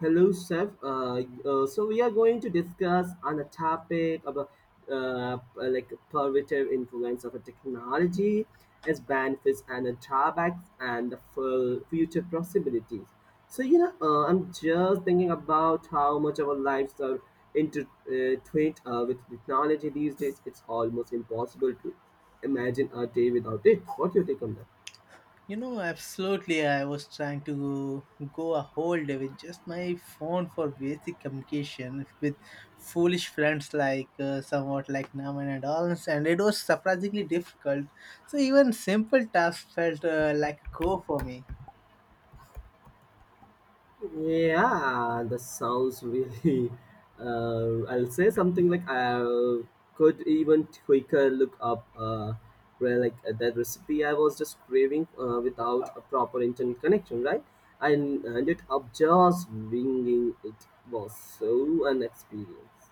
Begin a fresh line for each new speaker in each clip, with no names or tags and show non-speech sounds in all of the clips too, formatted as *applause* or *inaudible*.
Hello, Chef. So we are going to discuss on a topic about like positive influence of a technology, its benefits and the drawbacks, and the full future possibilities. So you know, I'm just thinking about how much our lives are intertwined with technology these days. It's almost impossible to imagine a day without it. What's your take on that?
You know, absolutely. I was trying to go a whole day with just my phone for basic communication with foolish friends like somewhat like Naman and all, and it was surprisingly difficult. So even simple tasks felt like a go for me.
Yeah, that sounds really. I'll say something like I could even quicker look up where that recipe I was just craving without a proper internet connection, right? I ended up just winging it. Was so an experience.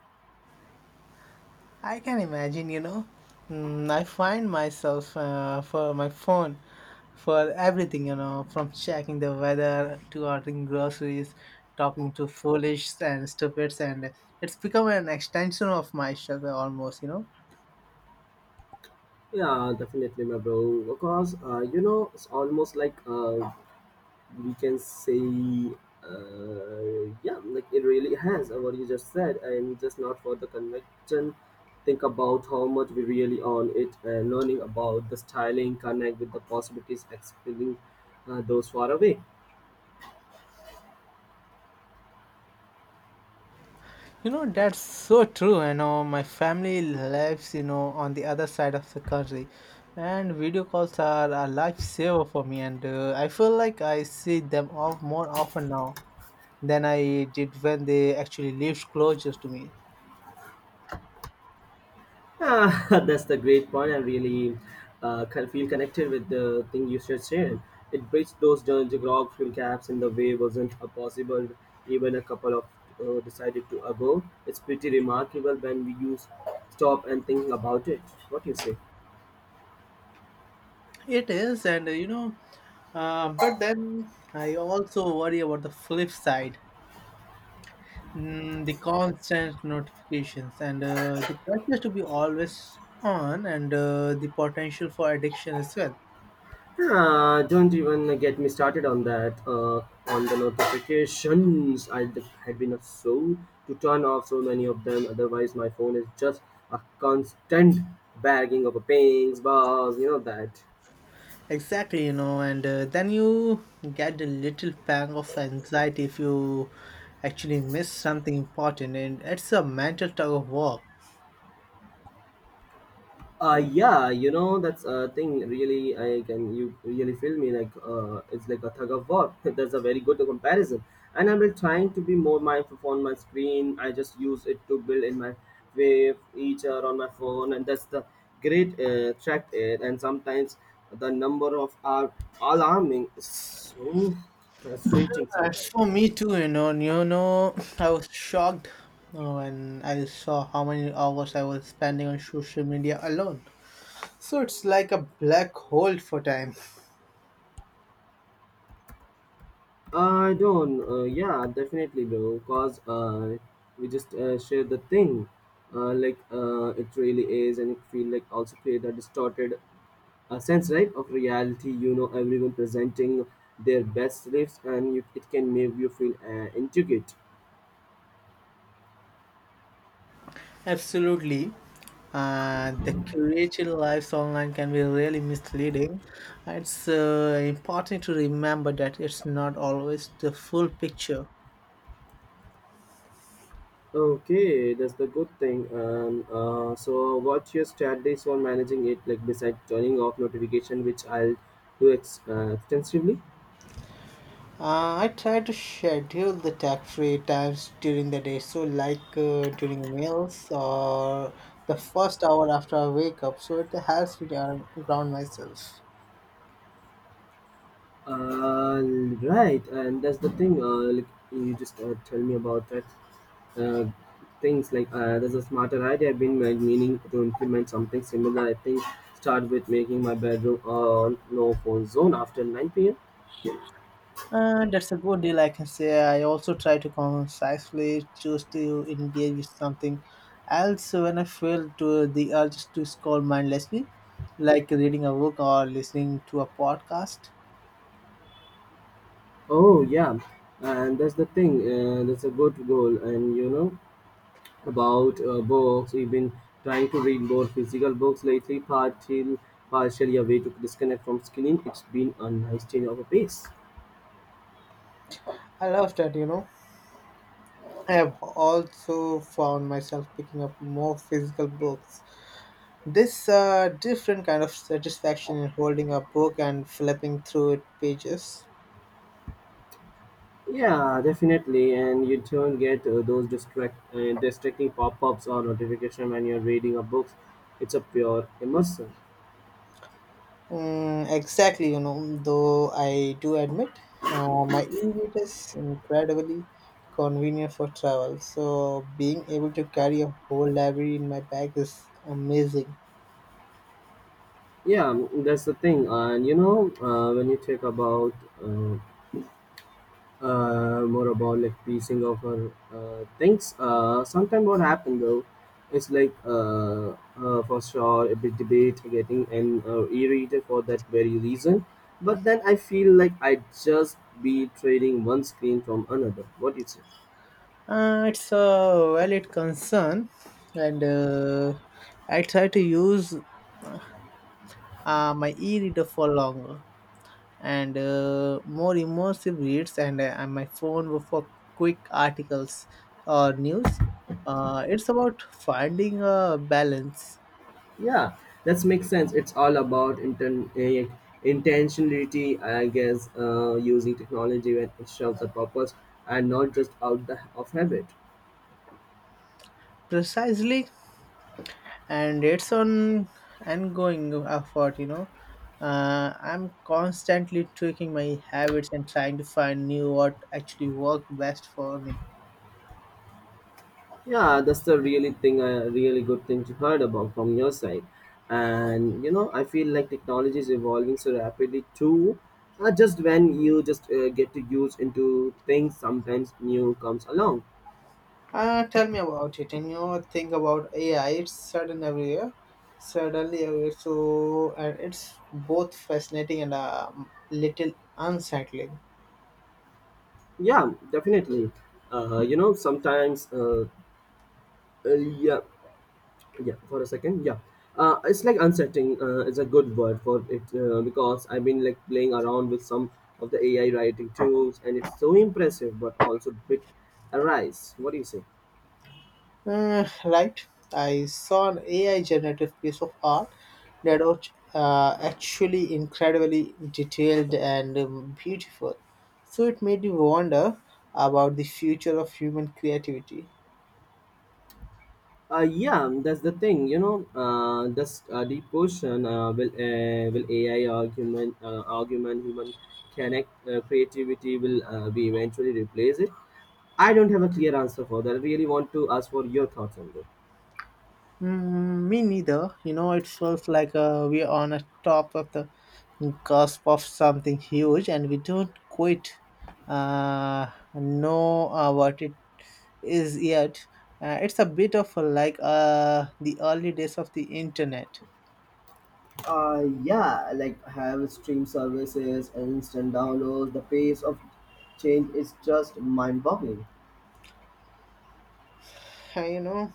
I can imagine, you know. Mm, I find myself for my phone for everything, you know, from checking the weather to ordering groceries, talking to foolish and stupids, and it's become an extension of myself almost, you know.
Yeah, definitely, my bro. Because you know, it's almost like we can say yeah, like it really has what you just said and just not for the convention think about how much we really own it and learning about the styling connect with the possibilities expelling those far away.
You know, that's so true. I know my family lives, you know, on the other side of the country, and video calls are a lifesaver for me, and I feel like I see them all more often now than I did when they actually lived closer to me.
Ah, *laughs* that's the great point. I really can feel connected with the thing you just shared. It bridged those geographic fuel gaps in the way wasn't possible even a couple of decided to ago. It's pretty remarkable when we use stop and think about it. What do you say?
It is, and you know, but then I also worry about the flip side, the constant notifications and the pressure to be always on, and the potential for addiction as well.
Ah, don't even get me started on that. On the notifications, had been a soul to turn off so many of them. Otherwise, my phone is just a constant bagging of pings, bars, that.
Exactly, you know, and then you get a little pang of anxiety if you actually miss something important, and it's a mental tug of war.
Yeah, you know that's a thing, really. I can you really feel me like it's like a tug of war. *laughs* That's a very good comparison, and I'm like trying to be more mindful on my screen. I just use it to build in my wave feature on my phone, and that's the great track it, and sometimes the number of are alarming, so frustrating
As
sometimes.
for me too, you know, and you know, I was shocked when I saw how many hours I was spending on social media alone. So it's like a black hole for time.
I don't. Yeah, definitely, bro. Cause we just share the thing, it really is, and it feel like also create a distorted sense, right, of reality. You know, everyone presenting their best lives, and you, it can make you feel intricate.
Absolutely. The curated lives online can be really misleading. It's important to remember that it's not always the full picture.
Okay, that's the good thing. So what's your strategies for managing it? Like besides turning off notification, which I'll do extensively.
I try to schedule the tech-free times during the day, so like during meals or the first hour after I wake up, so it helps me to ground myself.
Uh, right, and that's the thing. Like you just tell me about that. Uh, things like there's a smarter idea I've been like, meaning to implement something similar. I think start with making my bedroom on no phone zone after 9 p.m.
That's a good deal, I can say. I also try to concisely choose to engage with something else when I feel to the urge to scroll mindlessly, like reading a book or listening to a podcast.
Oh yeah, and that's the thing. That's a good goal. And you know about books. We've been trying to read more physical books lately. Partially a way to disconnect from screen. It's been a nice change of a pace.
I love that, you know. I have also found myself picking up more physical books. This different kind of satisfaction in holding a book and flipping through its pages.
Yeah, definitely. And you don't get those distracting pop-ups or notification when you're reading a book. It's a pure immersion.
Mm, exactly, you know, though I do admit my e-reader is incredibly convenient for travel. So being able to carry a whole library in my bag is amazing.
Yeah, mm, that's the thing. And you know, when you talk about uh, more about like piecing of our things, sometimes what happened though, it's for sure a bit debate getting an e-reader for that very reason. But then I feel like I just be trading one screen from another. What do you say?
It's a valid concern, and I try to use my e-reader for longer and more immersive reads and my phone for quick articles or news, it's about finding a balance.
Yeah, that makes sense. It's all about intentionality, I guess, using technology when it serves a purpose and not just out the, of habit.
Precisely, and it's on ongoing effort, you know. I'm constantly tweaking my habits and trying to find new what actually work best for me.
Yeah, that's the really thing, a really good thing to heard about from your side. And you know, I feel like technology is evolving so rapidly too. Just when you just get to use into things, sometimes new comes along.
Tell me about it. And you know, think about AI. It's sudden everywhere, suddenly everywhere. So it's both fascinating and a little unsettling.
Yeah, definitely. You know, sometimes yeah, yeah for a second, yeah. It's like unsettling is a good word for it, because I've been like playing around with some of the AI writing tools, and it's so impressive but also a bit arise. What do you say?
Right. I saw an AI generative piece of art that was actually incredibly detailed and beautiful. So it made me wonder about the future of human creativity.
uh, yeah, that's the thing, you know. This deep question, will AI argument human connect creativity, will be eventually replace it. I don't have a clear answer for that. I really want to ask for your thoughts on this.
Mm, me neither. You know, it feels like we're on a top of the cusp of something huge, and we don't quite uh, know what it is yet. It's a bit of a, like the early days of the internet.
Yeah, like have stream services, instant downloads, the pace of change is just mind boggling.
You know,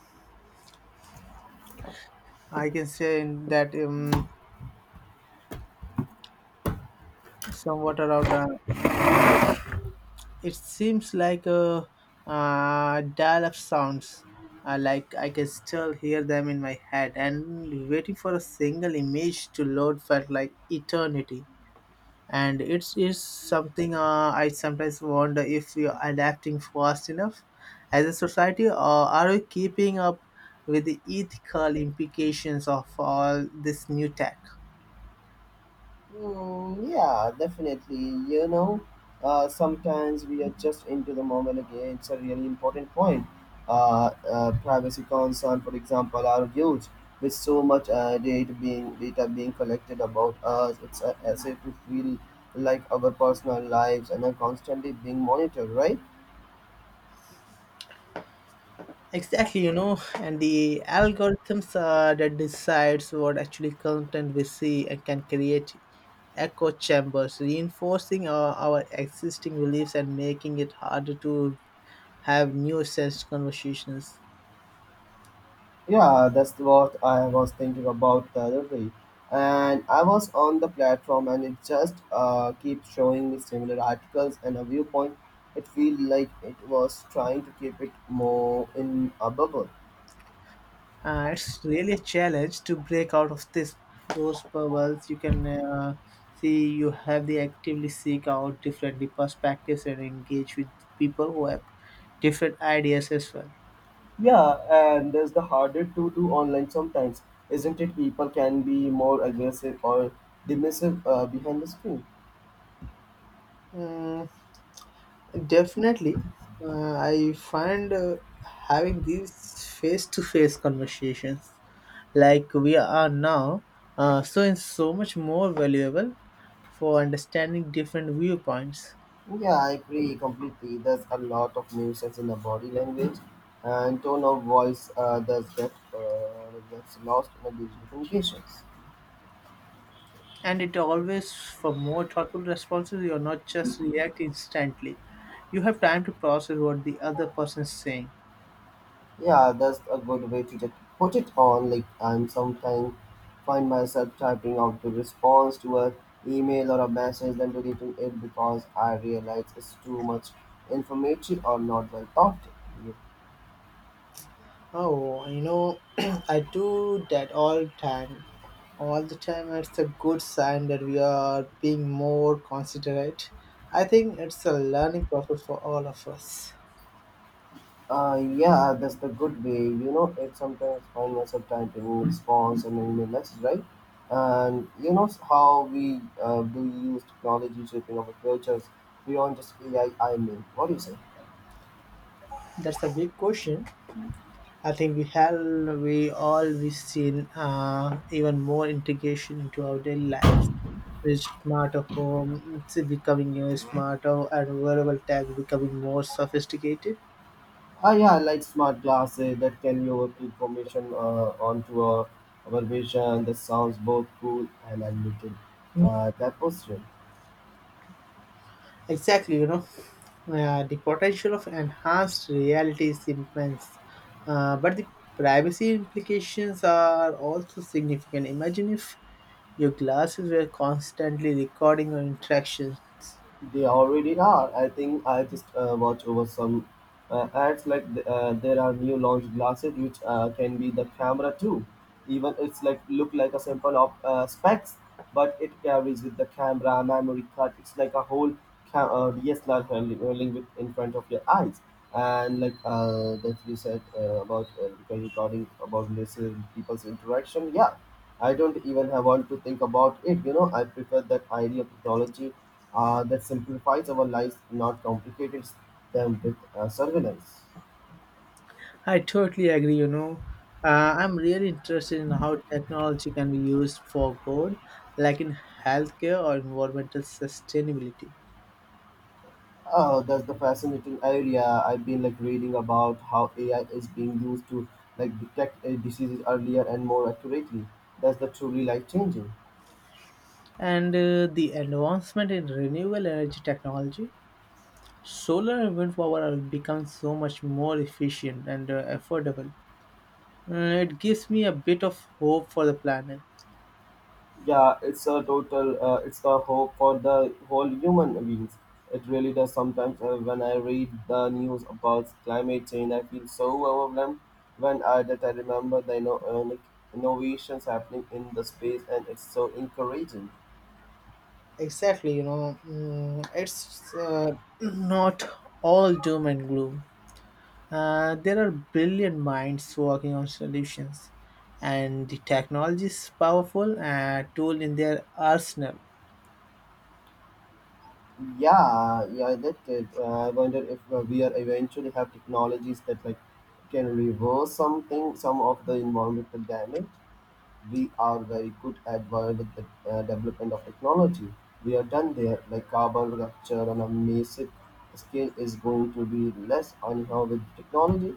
I can say that somewhat around mm, it seems like a dial-up sounds. Like I can still hear them in my head, and waiting for a single image to load felt like eternity. And it is something, I sometimes wonder if we are adapting fast enough as a society, or are we keeping up with the ethical implications of all this new tech?
Mm, yeah, definitely. You know, sometimes we are just into the moment again. It's a really important point. Privacy concern, for example, are huge. With so much data being collected about us, it's a asset to feel like our personal lives and are constantly being monitored, right?
Exactly, you know, and the algorithms that decides what actually content we see and can create echo chambers, reinforcing our existing beliefs and making it harder to have new sense conversations.
Yeah, that's what I was thinking about the other day. And I was on the platform and it just keeps showing me similar articles and a viewpoint. It feels like it was trying to keep it more in a bubble.
It's really a challenge to break out of this those bubbles. You can, see you have the actively seek out different perspectives and engage with people who have different ideas as well.
Yeah, and that's the harder to do online sometimes, isn't it? People can be more aggressive or dismissive behind the screen.
Mm, definitely. I find having these face to face conversations, like we are now, so is so much more valuable for understanding different viewpoints.
Yeah, I agree completely. There's a lot of nuisance in the body language and tone of voice does get gets lost in the digital communications.
And it always for more thoughtful responses, you're not just react instantly. You have time to process what the other person is saying.
Yeah, that's a good way to just put it on. Like I'm sometimes find myself typing out the response to a email or a message, then deleting it because I realize it's too much informative or not well thought.
Oh, you know, *clears throat* I do that all time. All the time, it's a good sign that we are being more considerate. I think it's a learning process for all of us.
Yeah, that's the good way. You know, it sometimes find myself typing response and email message, right? And you know how we do use technology shaping our cultures beyond just AI. I mean, what do you say?
That's a big question. I think we have we all we seen even more integration into our daily lives with smarter home, it's becoming, you know, smarter, and wearable tech becoming more sophisticated.
Ah, yeah, I like smart glasses that can lower information onto a our vision. That sounds both cool and a little that was.
Exactly, you know, the potential of enhanced reality is immense, but the privacy implications are also significant. Imagine if your glasses were constantly recording your interactions.
They already are. I think I just watch over some ads there are new launch glasses which can be the camera too. Even it's like look like a simple of specs, but it carries with the camera, memory card. It's like a whole DSLR hurling with in front of your eyes. And like that you said about regarding about this people's interaction, yeah, I don't even have want to think about it. You know, I prefer that idea of technology that simplifies our lives, not complicates them with surveillance.
I totally agree, you know. I'm really interested in how technology can be used for good, like in healthcare or environmental sustainability.
Oh, that's the fascinating area. I've been like reading about how AI is being used to like detect diseases earlier and more accurately. That's the truly life changing.
And the advancement in renewable energy technology, solar and wind power are becoming so much more efficient and affordable. It gives me a bit of hope for the planet.
Yeah, it's a total. It's the hope for the whole human beings. It really does. Sometimes when I read the news about climate change, I feel so overwhelmed. When I that I remember the innovations happening in the space, and it's so encouraging.
Exactly, you know, mm, it's *clears throat* not all doom and gloom. There are brilliant minds working on solutions, and the technology is powerful tool in their arsenal.
Yeah, yeah, that it. I wonder if we are eventually have technologies that like can reverse something, some of the environmental damage. We are very good at world with the development of technology. We are done there, like carbon capture on a massive scale is going to be less anyhow with technology.